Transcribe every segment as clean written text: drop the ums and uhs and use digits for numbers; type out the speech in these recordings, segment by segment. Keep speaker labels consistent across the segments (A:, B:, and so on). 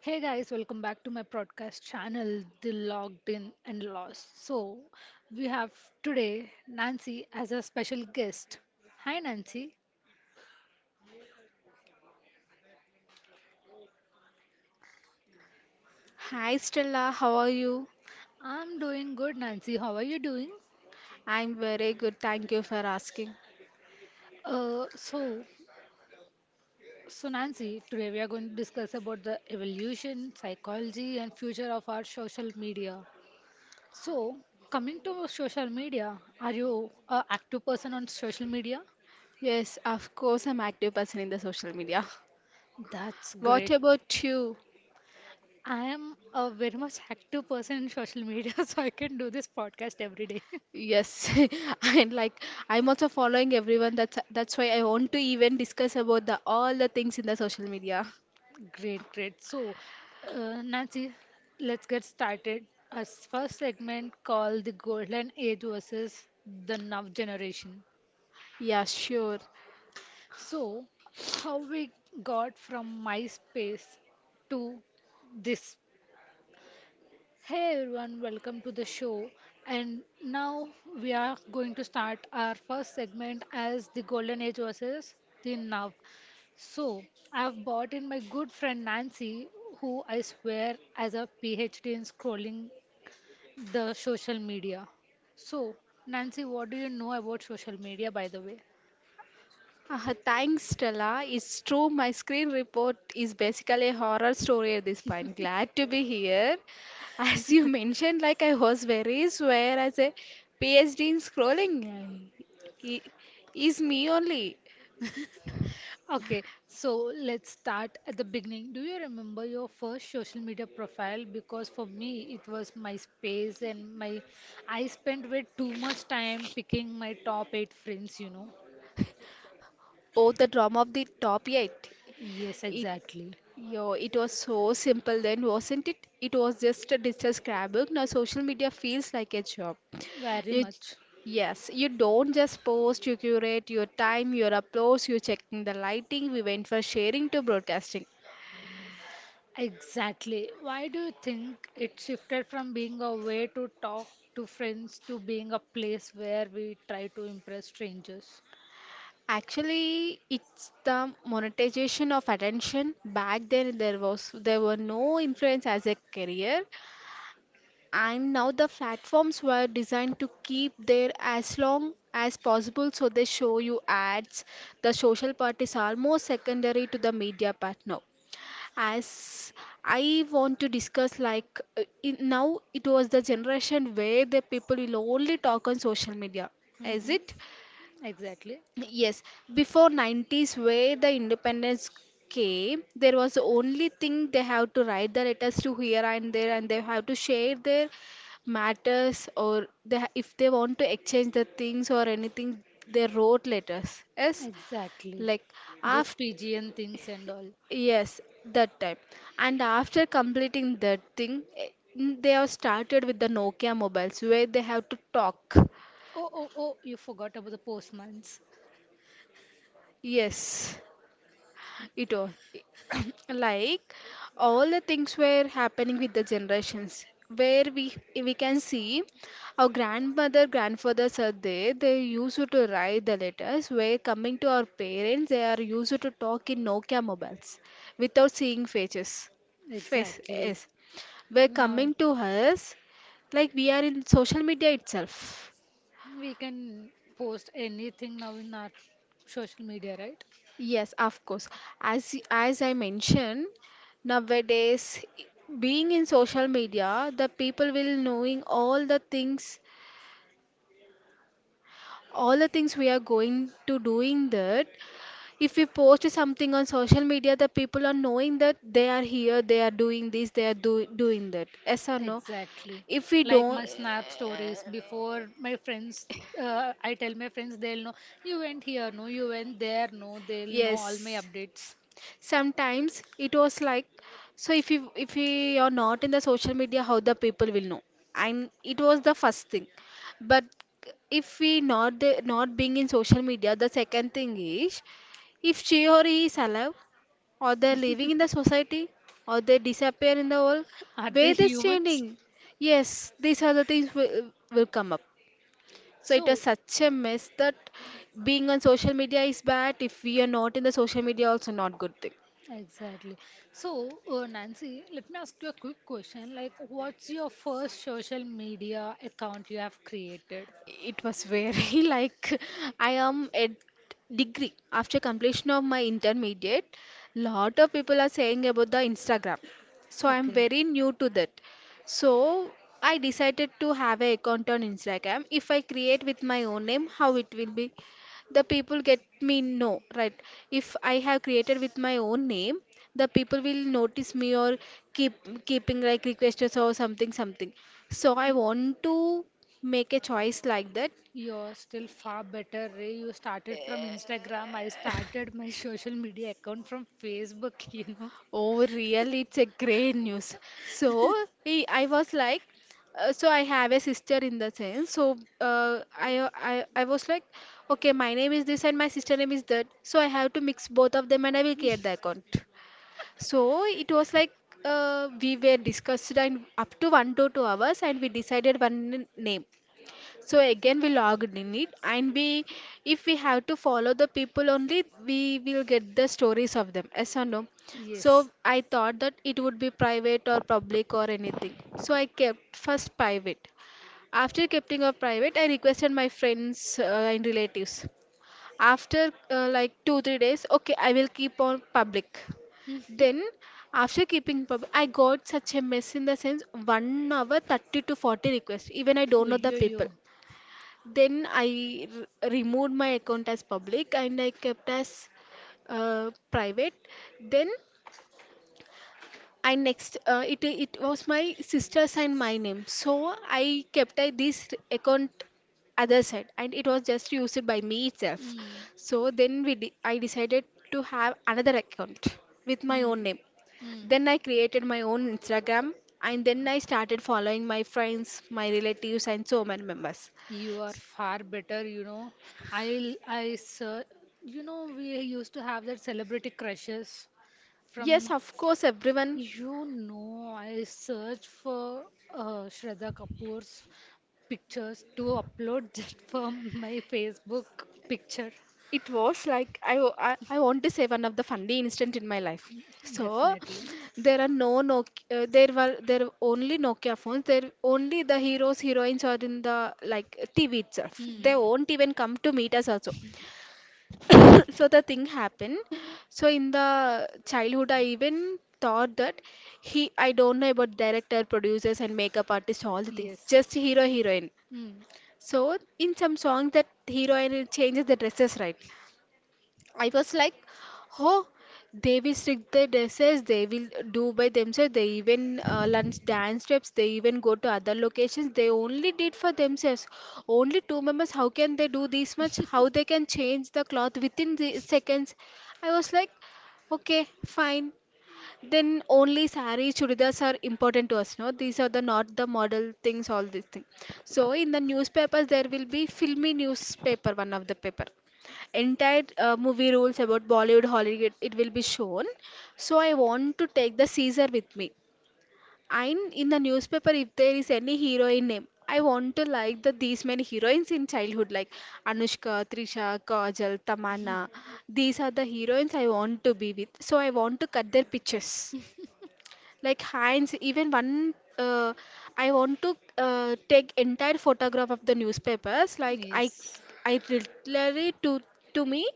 A: Hey guys, welcome back to my podcast channel, The Logged In and Lost. We have today Nancy as a special guest. Hi Nancy.
B: Hi Stella, how are you?
A: I'm doing good, Nancy. How are you doing?
B: I'm very good, thank you for asking.
A: Uh, so, so Nancy, today we are going to discuss about the evolution, psychology, and future of our social media. So, coming to social media, are you a active person on social media?
B: Yes, of course, I'm active person in the social media.
A: That's
B: What
A: great.
B: about you?
A: I am a very much active person in social media, so I can do this podcast every day.
B: Yes, and like I'm also following everyone. That's why I want to even discuss about the all the things in the social media.
A: Great, great. Nancy, let's get started. Our first segment called the Golden Age versus the Now Generation.
B: Yeah, sure.
A: So, how we got from MySpace to this. Hey everyone, welcome to the show. And now we are going to start our first segment as the Golden Age versus the Now. So, I've brought in my good friend Nancy, who I swear has a PhD in scrolling the social media. So, Nancy, what do you know about social media, by the way?
B: Thanks, Stella. It's true, my screen report is basically a horror story at this point. Glad to be here. As you mentioned, like I was very swear as a PhD in scrolling. I- Is me only.
A: Okay, so let's start at the beginning. Do you remember your first social media profile? Because for me, it was MySpace, and my I spent way too much time picking my top eight friends.
B: Oh, the drama of the top eight.
A: Yes,
B: It,
A: exactly.
B: it was so simple then, wasn't it? It was just a digital scrapbook. Now social media feels like a job.
A: Very
B: You, j-
A: much.
B: yes, you don't just post, you curate your time, your uploads, you checking the lighting. We went for sharing to broadcasting.
A: Exactly. Why do you think it shifted from being a way to talk to friends to being a place where we try to impress strangers?
B: Actually, it's the monetization of attention. Back then, there were no influence as a career, and now the platforms were designed to keep there as long as possible. So they show you ads. The social part is almost secondary to the media part now. As I want to discuss, like, now it was the generation where the people will only talk on social media, is
A: Mm-hmm.
B: it?
A: Exactly.
B: Yes, before 90s, where the independence came, there was only thing they have to write the letters to here and there, and they have to share their matters, or if they want to exchange the things or anything, they wrote letters, yes.
A: Exactly.
B: like
A: Those
B: after
A: PGN things and all.
B: Yes, that time. And after completing that thing, they have started with the Nokia mobiles where they have to talk.
A: Oh, oh, oh, you forgot about the postmans.
B: Yes, it was like all the things were happening with the generations where we can see our grandmother, grandfathers are there. They used to write the letters. Where coming to our parents, they are used to talk in Nokia mobiles without seeing faces. Face,
A: Exactly.
B: yes. We're
A: Now
B: coming to us, like we are in social media itself,
A: we can post anything now in our social media, right?
B: yes, of course. As I mentioned, nowadays being in social media the people will knowing all the things, all the things we are going to doing that, if we post something on social media the people are knowing that they are here, they are doing this, they are doing that, yes or no,
A: Exactly.
B: if we
A: Like
B: don't,
A: my snap stories before my I tell my friends they'll know you went here, no, you went there, no, they'll know
B: yes.
A: all my updates.
B: Sometimes it was like, so if you are not in the social media, how the people will know? And it was the first thing. But if we not not being in social media, the second thing is, if she or he is alive, or they're living in the society, or they disappear in the world,
A: Are they
B: where they
A: humans?
B: standing? Yes, these are the things will come up. So it
A: So,
B: was such a mess that being on social media is bad. If we are not in the social media, also not good thing.
A: exactly. So, Nancy, let me ask you a quick question. Like, what's your first social media account you have created?
B: It was very like I am at degree after completion of my intermediate. Lot of people are saying about the Instagram. So I am
A: Okay.
B: very new to that. So I decided to have an account on Instagram. If I create with my own name, how it will be? The people get me, no, right? If I have created with my own name, the people will notice me or keep keeping like requests or something, so I want to make a choice like that.
A: You're still far better, Ray. You started from Instagram. I started my social media account from Facebook, you know.
B: Oh really, it's a great news. So I was like, so I have a sister in the sense, so uh, I, I was like, okay, my name is this and my sister name is that, so I have to mix both of them and I will create the account. So it was like, we were discussed and up to 1 to 2 hours, and we decided one name. So again we logged in it, and we, if we have to follow the people only, we will get the stories of them. Yes or no?
A: Yes.
B: So I thought that it would be private or public or anything. So I kept first private. After keeping of private, I requested my friends and relatives after like 2 3 days, okay, I will keep on public. Then after keeping public, I got such a mess in the sense, 1 hour 30 to 40 requests, even I
A: Oh,
B: don't know the
A: yo,
B: people.
A: yo.
B: Then I removed my account as public, and I kept as private. Then, and next, it was my sister's and my name, so I kept, this account other side, and it was just used by me itself.
A: Mm,
B: So then I decided to have another account with my own
A: mm,
B: name.
A: mm.
B: Then I created my own Instagram, and then I started following my friends, my relatives, and so many members,
A: You are far better, you know. Sir, you know, we used to have that celebrity crushes
B: yes,
A: from,
B: of course, everyone.
A: you know, I searched for Shraddha Kapoor's pictures to upload that for my Facebook picture.
B: It was like I want to say one of the funny incident in my life. So
A: Definitely.
B: there are no Nokia, there were only Nokia phones. There only the heroes heroines are in the like TV itself.
A: Hmm.
B: They won't even come to meet us also. So the thing happened. So in the childhood, I even thought that he I don't know about director, producers, and makeup artists, all the things.
A: Yes.
B: Just hero heroine.
A: Hmm.
B: So in some song that hero heroine changes the dresses, right? I was like, oh, they will strict their dresses, they will do by themselves, they even lunch dance steps, they even go to other locations, they only did for themselves. Only two members, how can they do this much? How they can change the cloth within the seconds? I was like, okay, fine, then only sari chudidars are important to us, no? These are the not the model things, all these things. So in the newspapers there will be filmy newspaper, one of the paper. Entire movie rules about Bollywood, Hollywood, it will be shown. So I want to take the Caesar with me. And in the newspaper, if there is any heroine name, I want to like the these many heroines in childhood, like Anushka, Trisha, Kajal, Tamanna. These are the heroines I want to be with. So I want to cut their pictures like Heinz, even one, I want to take entire photograph of the newspapers. Like I,
A: Yes.
B: I literally to me,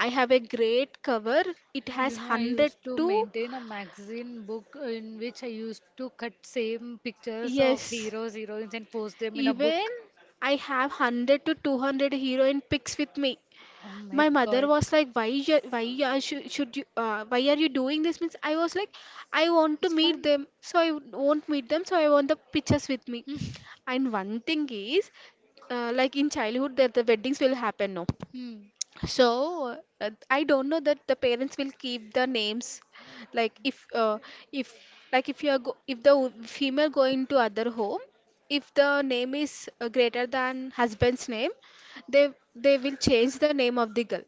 B: I have a great cover. It has
A: You know, I
B: hundred
A: used to
B: to,
A: maintain a magazine book in which I used to cut same pictures of
B: yes,
A: heroes, heroines and post them in a
B: even
A: book.
B: I have 100 to 200 heroine pics with me.
A: Oh my
B: My mother
A: God.
B: was like, should you, why are you doing this means, I was like, I want to
A: It's
B: meet
A: fun.
B: them, so I won't meet them, so I want the pictures with me. And one thing is, like in childhood that the weddings will happen, no?
A: Hmm.
B: So I don't know that the parents will keep the names, like if, if like if you are if the female going to other home, if the name is greater than husband's name, they they will change the name of the girl.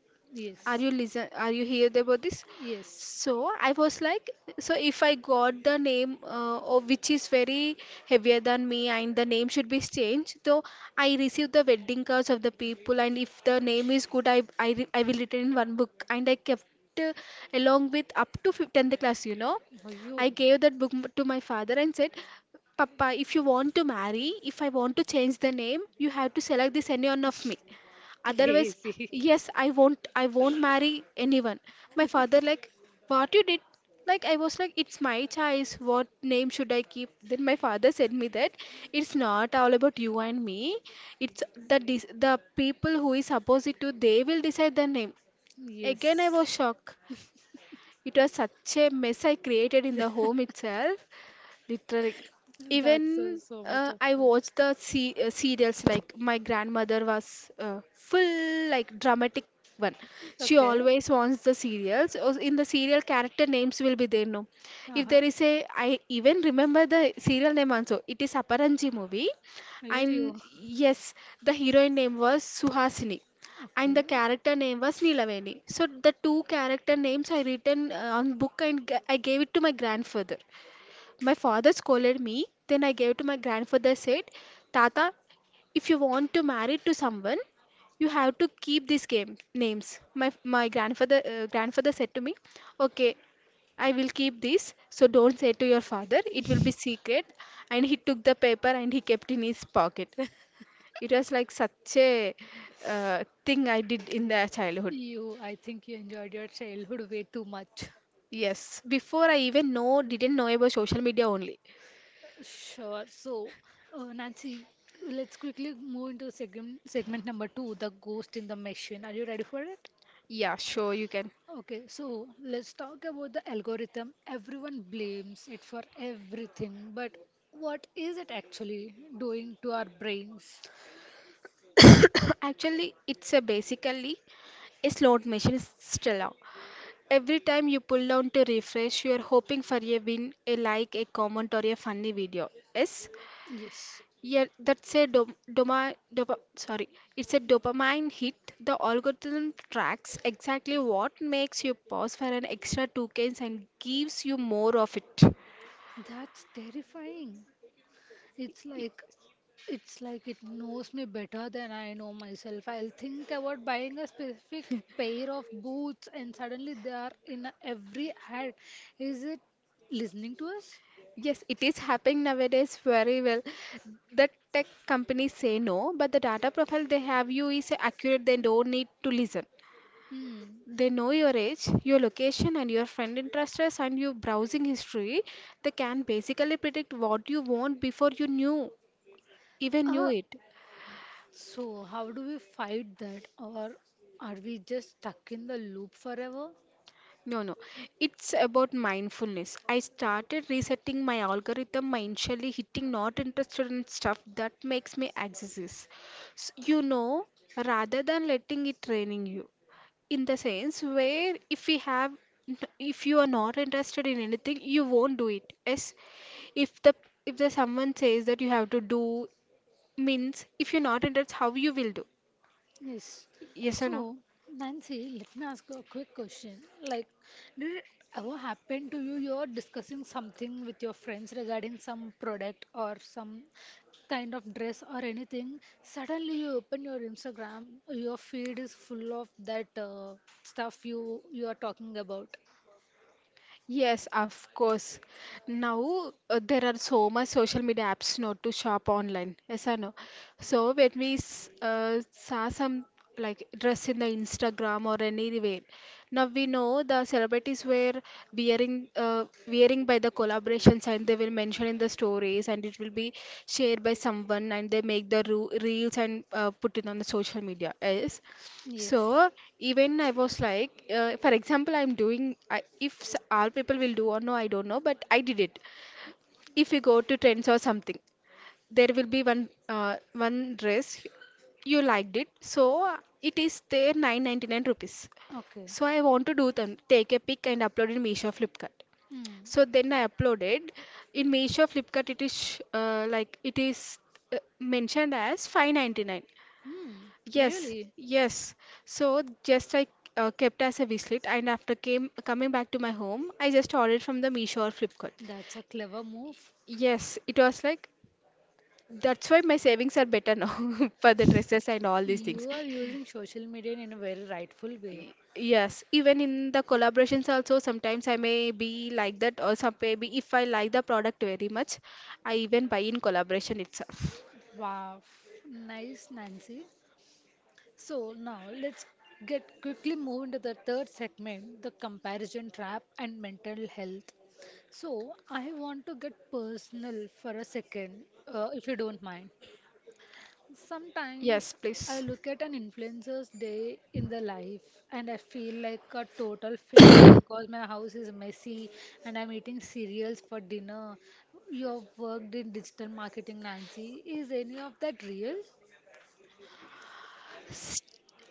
B: Are
A: Yes.
B: you listen, are you hear about this?
A: Yes.
B: So I was like, so if I got the name, which is very heavier than me and the name should be changed, so I received the wedding cards of the people, and if the name is good, I will return in one book, and I kept, uh, along with up to 10th class, you know.
A: Oh, you
B: I gave that book to my father and said, papa, if you want to marry, if I want to change the name, you have to select this any one of me. Otherwise,
A: crazy.
B: yes, I won't marry anyone. My father like, what you did? Like I was like, it's my choice. What name should I keep? Then my father said me that it's not all about you and me. It's the people who is opposite to they will decide the name. Again, I
A: Yes.
B: was shocked. It was such a mess I created in the home itself. Literally,
A: That's
B: even
A: so much of
B: I
A: fun.
B: watched the serials like my grandmother was full like dramatic one. She
A: Okay.
B: always wants the serials. Or in the serial, character names will be there, no? If
A: Uh-huh.
B: there is a, I even remember the serial name also. It is Aparanji movie,
A: Ayo,
B: and yes, the heroine name was Suhasini and the
A: okay.
B: character name was Nilaveni. So the two character names I written on book and I gave it to my grandfather. My father scolded me, then I gave to my grandfather said, Tata, if you want to marry to someone, you have to keep these game names. My grandfather said to me, okay, I will keep this, so don't say to your father. It will be secret. And he took the paper and he kept in his pocket. It was like such a thing I did in the childhood.
A: You, I think you enjoyed your childhood way too much.
B: Yes, before I even know, didn't know about social media only.
A: Sure. So, Nancy, let's quickly move into segment number two, the ghost in the machine. Are you ready for it?
B: Yeah, sure, you can.
A: Okay, so let's talk about the algorithm. Everyone blames it for everything, but what is it actually doing to our brains?
B: Actually, it's a basically a slot machine, Stella. Every time you pull down to refresh, you are hoping for a win, a like, a comment, or a funny video. Yes,
A: Yes,
B: yeah, that's a dom doma dopa, sorry, it's a dopamine hit. The algorithm tracks exactly what makes you pause for an extra 2 seconds and gives you more of it.
A: that's terrifying. It's like It's like it knows me better than I know myself. I'll think about buying a specific pair of boots and suddenly they are in every ad. Is it listening to us?
B: Yes, it is happening nowadays very well. The tech companies say no, but the data profile they have you is accurate. They don't need to listen.
A: Hmm.
B: They know your age, your location, and your friend interests and your browsing history. They can basically predict what you want before you knew even knew
A: Uh,
B: it.
A: so how do we fight that or are we just stuck in the loop forever?
B: No, no. It's about mindfulness. I started resetting my algorithm by initially hitting not interested in stuff that makes me anxious. Rather than letting it training you. In the sense where if we have if you are not interested in anything, you won't do it. Yes. If the if the someone says that you have to do means if you're not interested, how you will do.
A: Yes.
B: Yes or no?
A: So, Nancy, let me ask you a quick question. Like, did it ever happen to you? You're discussing something with your friends regarding some product or some kind of dress or anything. Suddenly, you open your Instagram, your feed is full of that stuff you are talking about.
B: Yes, of course. Now there are so much social media apps now to shop online. Yes or no? So when we saw some like dress in the Instagram or anywhere, now we know the celebrities were wearing by the collaborations and they will mention in the stories and it will be shared by someone and they make the ru reels and put it on the social media. Yes.
A: Yes.
B: So even I was like, for example, if all people will do or no, I don't know, but I did it. If you go to trends or something, there will be one dress you liked it, so it is there 999 rupees.
A: Okay.
B: So I want to do them, take a pic and upload in Meesho Flipkart.
A: Hmm.
B: So then I uploaded in Meesho Flipkart. It is like it is mentioned as 599.
A: Hmm,
B: Yes,
A: really?
B: yes. So just I kept as a wish list, and after came coming back to my home, I just ordered from the Meesho or Flipkart.
A: That's a clever move.
B: Yes, it was like that's why my savings are better now for the dresses and all these things.
A: You are using social media in a very rightful way.
B: Yes, even in the collaborations also sometimes I may be like that or some maybe if I like the product very much, I even buy in collaboration itself.
A: Wow, nice, Nancy. So now let's get quickly move into the third segment, the comparison trap and mental health. So I want to get personal for a second, if you don't mind.
B: Yes,
A: Sometimes I
B: please.
A: look at an influencer's day in the life and I feel like a total failure because my house is messy and I'm eating cereals for dinner. You have worked in digital marketing, Nancy. Is any of that real?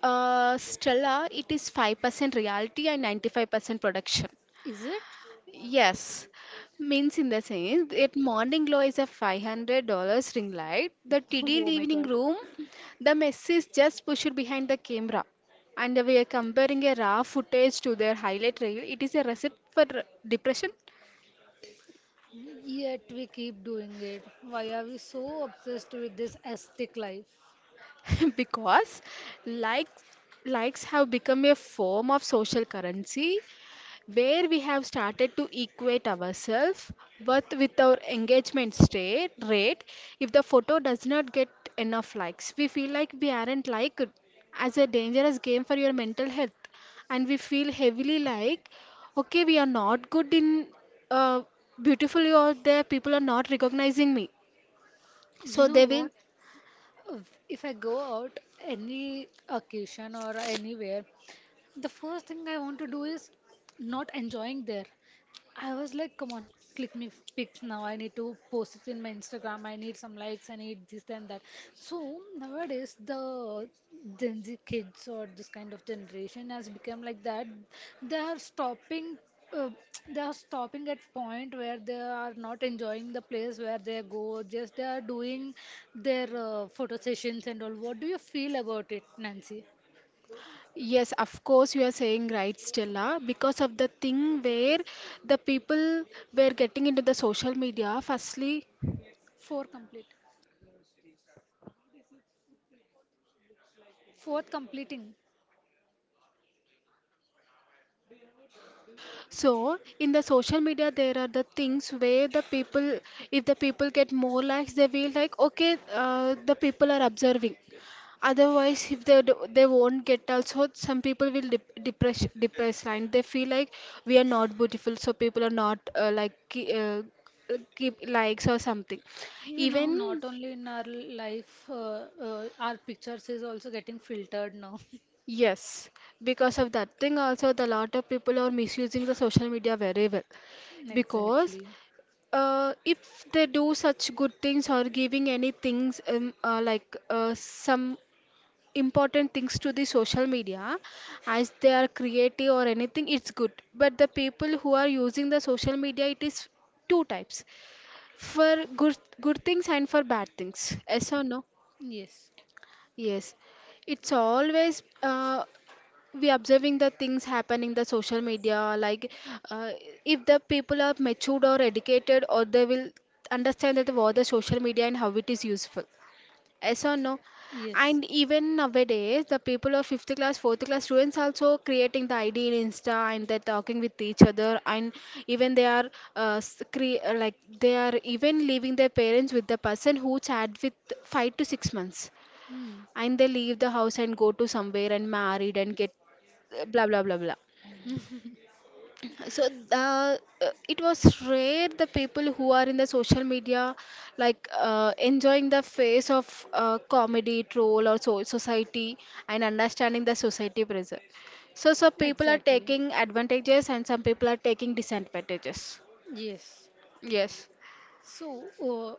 B: Stella, it is 5% reality and 95% production.
A: Is it?
B: Yes, means in the sense that morning glow is a $500 ring light. The TD
A: Oh my
B: evening
A: god.
B: room, the mess is just pushed behind the camera. And we are comparing a raw footage to their highlight reel. It is a recipe for depression
A: Yet we keep doing it. Why are we so obsessed with this aesthetic life?
B: because likes likes have become a form of social currency. Where we have started to equate ourselves worth with our engagement state rate. If the photo does not get enough likes, we feel like we aren't liked, as a dangerous game for your mental health. And we feel heavily like, okay, we are not good in uh, beautifully, or there people are not recognizing me,
A: You
B: so
A: know
B: they will.
A: what? If I go out any occasion or anywhere, the first thing I want to do is not enjoying there. I was like, come on, click me pics now. I need to post it in my Instagram. I need some likes. I need this and that. So nowadays, the Gen Z kids or this kind of generation has become like that. They are stopping. Uh, they are stopping at point where they are not enjoying the place where they go. Just they are doing their photo sessions and all. What do you feel about it, Nancy?
B: Yes, of course, you are saying right, Stella, because of the thing where the people were getting into the social media firstly.
A: Four complete. Fourth, completing.
B: So in the social media, there are the things where the people, if the people get more likes, they will like, okay, the people are observing. Otherwise, if they do, they won't get also, some people will depressed line. They feel like we are not beautiful, so people are not keep likes or something.
A: You know,
B: Even
A: not only in our life, our pictures is also getting filtered now.
B: yes, because of that thing also, the lot of people are misusing the social media very well because
A: Exactly.
B: If they do such good things or giving any things some important things to the social media as they are creative or anything, it's good. But the people who are using the social media, it is two types, for good things and for bad things. Yes or no?
A: Yes.
B: Yes, it's always we observing the things happen in the social media, like uh, if the people are matured or educated, or they will understand that what the social media and how it is useful. Yes or no?
A: Yes.
B: And even nowadays the people of fifth class fourth class students also creating the id in Insta, and they're talking with each other, and even they are uh, s- cre- uh, like they are even leaving their parents with the person who chat with 5 to 6 months,
A: Hmm.
B: and they leave the house and go to somewhere and married and get blah blah blah blah. So it was rare the people who are in the social media, like enjoying the face of comedy troll or so society and understanding the society pressure, so some people are
A: Exactly.
B: taking advantages and some people are taking disadvantages.
A: Yes.
B: Yes.
A: So,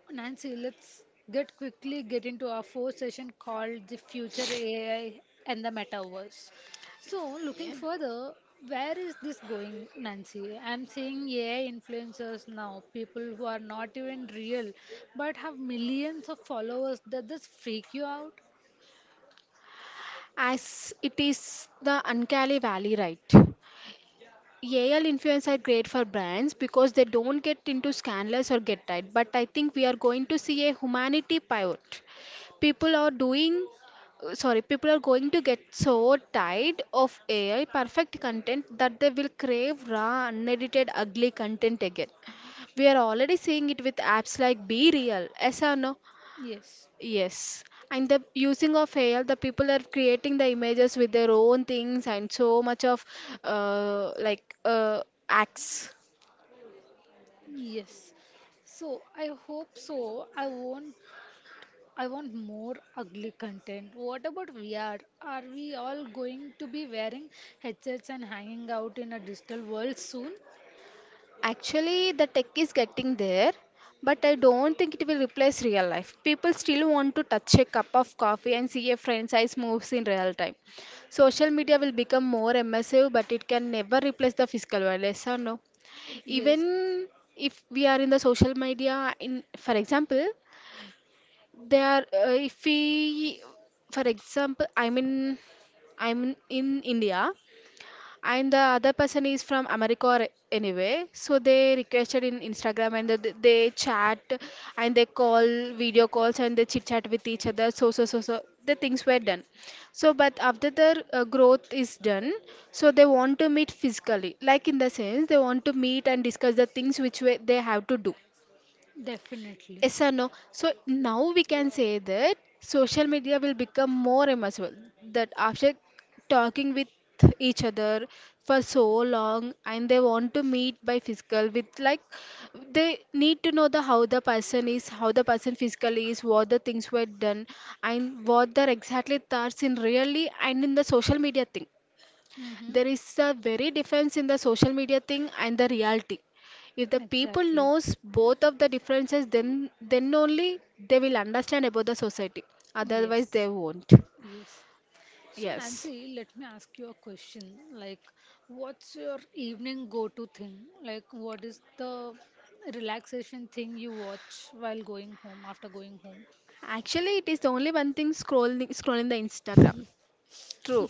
A: Nancy, let's get quickly get into our fourth session called the future AI and the metaverse. So, looking
B: Yeah.
A: further, where is this going, Nancy? I'm seeing AI influencers now, people who are not even real but have millions of followers. Does this freak you out?
B: As it is the Ankali Valley, right? AL influence are great for brands because they don't get into scandals or get tied. But I think we are going to see a humanity pivot. People are doing, People are going to get so tired of AI perfect content that they will crave raw, unedited, ugly content again. We are already seeing it with apps like Be Real, yes or no?
A: Yes,
B: Yes, and the using of AI, the people are creating the images with their own things and so much of uh, like uh, acts.
A: yes. So I hope so. I won't I want more ugly content. What about VR? Are we all going to be wearing headsets and hanging out in a digital world soon?
B: Actually, the tech is getting there, but I don't think it will replace real life. People still want to touch a cup of coffee and see a franchise moves in real time. Social media will become more immersive, but it can never replace the physical world. Yes or no?
A: Yes,
B: Even if we are in the social media, in for example, if we, for example, I'm in India, and the other person is from America or anyway, so they requested in Instagram and they chat and they call video calls and they chit chat with each other. So the things were done. So but after the growth is done, so they want to meet physically, like in the sense they want to meet and discuss the things which way they have to do.
A: definitely.
B: Yes or no? So now we can say that social media will become more immersive. That after talking with each other for so long and they want to meet by physical with like they need to know the how the person is, how the person physically is, what the things were done and what their exactly thoughts in really and in the social media thing.
A: Mm-hmm.
B: There is a very difference in the social media thing and the reality. If the people
A: Exactly.
B: knows both of the differences, then only they will understand about the society, otherwise they
A: Yes.
B: won't.
A: Yes. So,
B: Yes.
A: Nancy, let me ask you a question. Like, what's your evening go-to thing? Like, what is the relaxation thing you watch while going home, after going home?
B: Actually it is only one thing, scrolling the Instagram. True.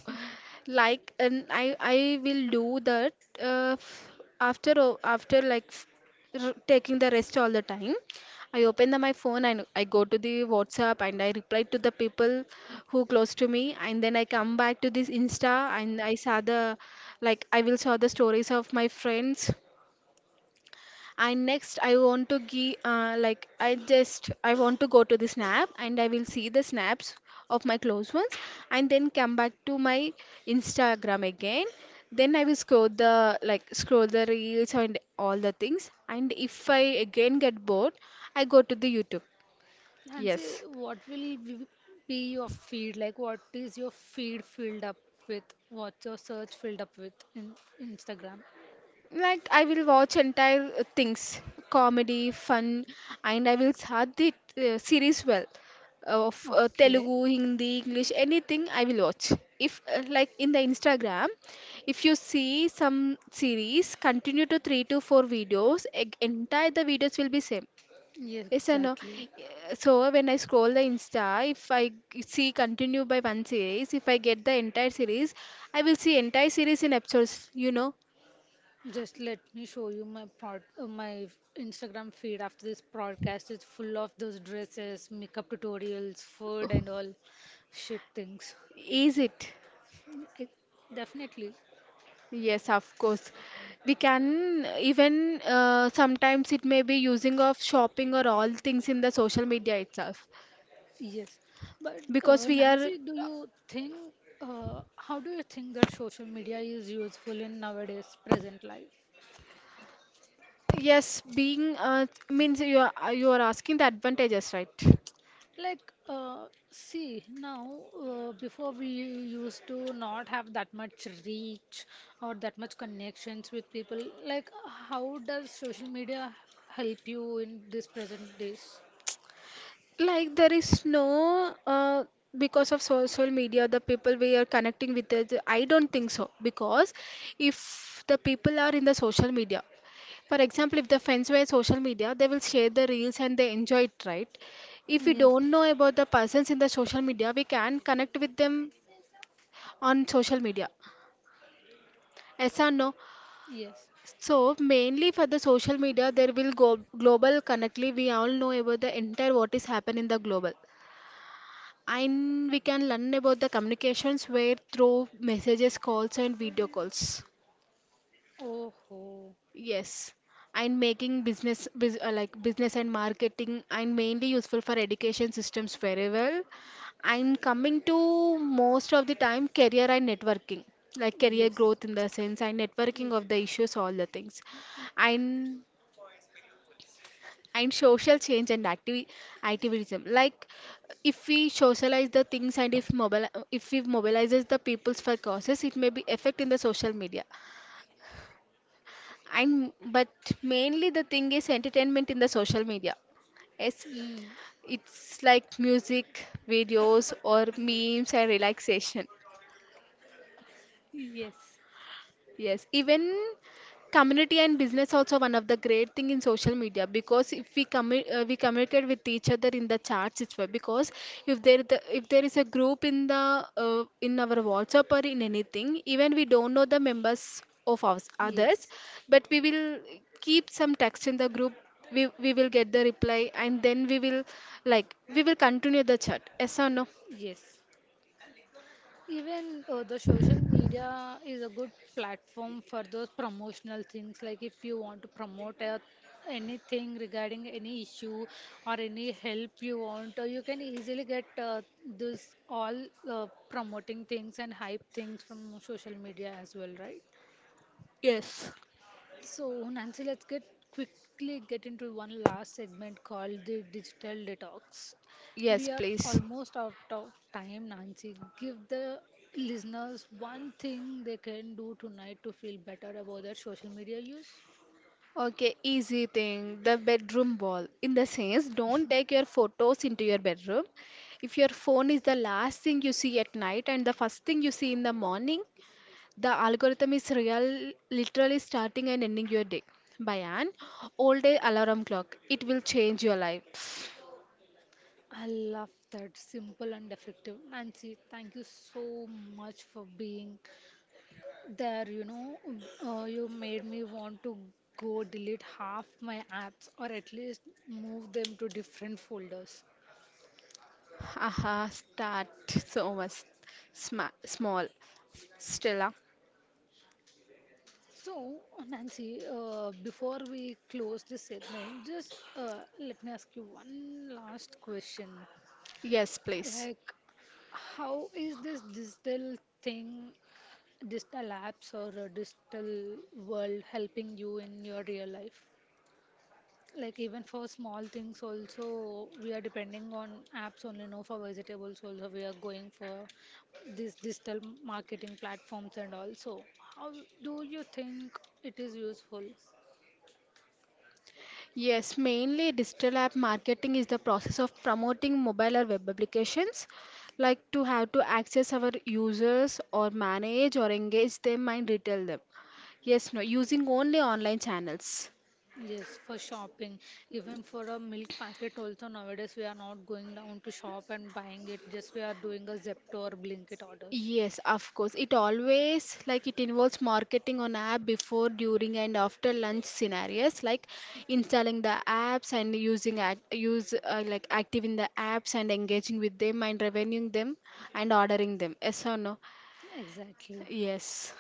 B: Like, and I will do that uh, f- after taking the rest all the time. I open my phone and I go to the WhatsApp and I reply to the people who close to me, and then I come back to this Insta and I will saw the stories of my friends, and next I want to go to the snap and I will see the snaps of my close ones, and then come back to my Instagram again, then I will scroll the reels and all the things, and if I again get bored, I go to the YouTube. Yes.
A: Nancy, what will be your feed? Like, what is your feed filled up with? What's your search filled up with in Instagram?
B: Like I will watch entire things, comedy, fun, and I will start the series well. Of
A: Okay.
B: Telugu, Hindi, English, anything I will watch. If like in the Instagram, if you see some series, continue to three to four videos. Entire the videos will be same.
A: Yes,
B: Yes or no?
A: exactly.
B: Yeah, so when I scroll the Insta, if I see continue by one series, if I get the entire series, I will see entire series in episodes.
A: Just let me show you my my Instagram feed after this broadcast is full of those dresses, makeup tutorials, food, and all shit things.
B: Is it?
A: I- Definitely.
B: Yes, of course. We can even sometimes it may be using of shopping or all things in the social media itself
A: Yes, but
B: because we are
A: Nancy, do you think, how do you think that social media is useful in nowadays present life?
B: yes being means you are asking the advantages, right?
A: Like, uh, see, now before we used to not have that much reach or that much connections with people. Like, how does social media help you in this present days?
B: Like there is no because of social media, the people we are connecting with us, I don't think so, because if the people are in the social media. For example, if the friends were social media, they will share the reels and they enjoy it, right? If we
A: Yes.
B: don't know about the persons in the social media, we can connect with them on social media. Yes or no?
A: Yes.
B: So mainly for the social media, there will go global connectly. We all know about the entire what is happening in the global. And we can learn about the communications where through messages, calls and video calls.
A: Oh, ho.
B: Yes, and making business like business and marketing, and mainly useful for education systems very well. And coming to most of the time career and networking, like career
A: Yes,
B: growth in the sense and networking
A: yes.
B: of the issues, all the things, and and social change and activism. Like if we socialize the things and if mobile if we mobilizes the peoples for causes, it may be effect in the social media. And but mainly the thing is entertainment in the social media. it's
A: Mm.
B: it's like music videos or memes and relaxation.
A: Yes,
B: Yes, even community and business also one of the great thing in social media, because if we we communicate with each other in the chats. It's why, because if there if there is a group in the in our WhatsApp or in anything, even we don't know the members of ours, others,
A: yes.
B: but we will keep some text in the group. We will get the reply and then we will, like, we will continue the chat, yes or no?
A: Yes, even the social media is a good platform for those promotional things. Like if you want to promote a, anything regarding any issue or any help you want, you can easily get this all promoting things and hype things from social media as well, right?
B: Yes.
A: So, Nancy, let's get quickly get into one last segment called the digital detox.
B: Yes,
A: We are
B: please.
A: almost out of time, Nancy. Give the listeners one thing they can do tonight to feel better about their social media use.
B: Okay, easy thing. The bedroom wall. In the sense, don't take your photos into your bedroom. If your phone is the last thing you see at night and the first thing you see in the morning, the algorithm is real, literally starting and ending your day. By an old day alarm clock, it will change your life.
A: I love that. Simple and effective. Nancy, thank you so much for being there. You know, you made me want to go delete half my apps or at least move them to different folders.
B: Haha, start so much small. Stella,
A: So, Nancy, before we close this segment, just let me ask you one last question.
B: yes, please.
A: Like, how is this digital thing, digital apps or a digital world helping you in your real life? Like, even for small things, also, we are depending on apps only now for vegetables, also, we are going for these digital marketing platforms and also. How do you think it is useful?
B: Yes, mainly digital app marketing is the process of promoting mobile or web applications, like to have to access our users or manage or engage them and retail them. Yes, no, using only online channels.
A: Yes, for shopping. Even for a milk packet also nowadays we are not going down to shop and buying it. Just we are doing a Zepto or Blinkit orders.
B: Yes, of course. It always like it involves marketing on app before, during, and after lunch scenarios, like installing the apps and using act use like active in the apps and engaging with them and revenuing them and ordering them. Yes or no?
A: Exactly.
B: Yes,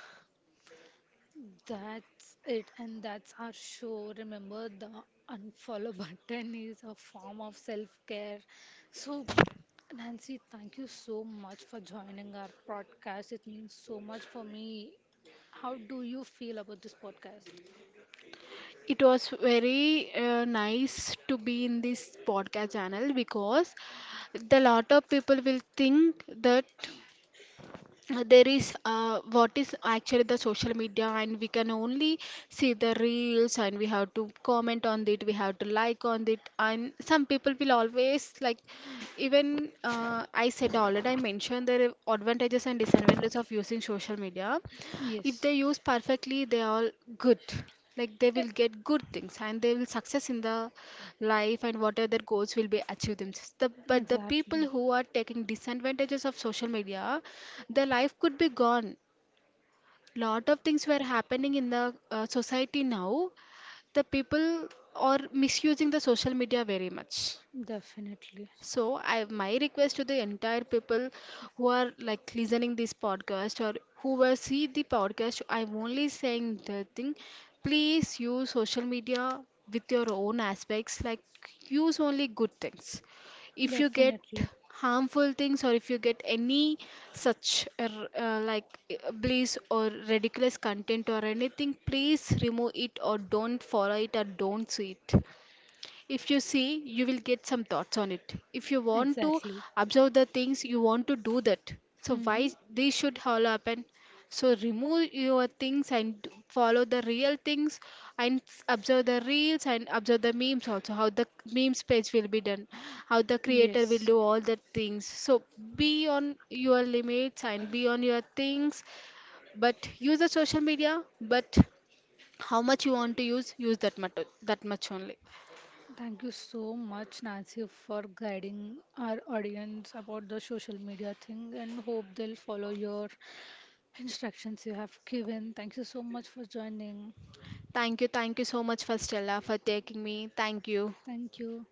A: That's it, and that's our show. Remember, the unfollow button is a form of self-care. So, Nancy, thank you so much for joining our podcast. It means so much for me. How do you feel about this podcast?
B: it was very nice to be in this podcast channel, because the lot of people will think that there is what is actually the social media, and we can only see the reels and we have to comment on it, we have to like on it, and some people will always like, even I said already, I mentioned the advantages and disadvantages of using social media. If
A: Yes,
B: they use perfectly, they are good, like they will
A: e-
B: get good things and they will success in the life, and whatever their goals will be achieved themselves, the, but the people
A: exactly.
B: who are taking disadvantages of social media, their life could be gone. Lot of things were happening in the society now. The people are misusing the social media very much.
A: Definitely.
B: So I, my request to the entire people who are like listening this podcast or who will see the podcast, I'm only saying the thing, please use social media with your own aspects, like use only good things. If you get
A: Definitely.
B: harmful things, or if you get any such like bliss or ridiculous content or anything, please remove it, or don't follow it, or don't see it. If you see, you will get some thoughts on it. If you want to
A: Exactly.
B: observe the things, you want to do that. So
A: Mm-hmm.
B: why this should all happen? So remove your things and follow the real things, and observe the reels and observe the memes also. How the memes page will be done, how the creator will
A: Yes.
B: do all the things. So be on your limits and be on your things, but use the social media. But how much you want to use, use that much, that much only.
A: Thank you so much, Nancy, for guiding our audience about the social media thing and hope they'll follow your instructions you have given. Thank you so much for joining.
B: Thank you so much for Stella for taking me. Thank you.
A: Thank you.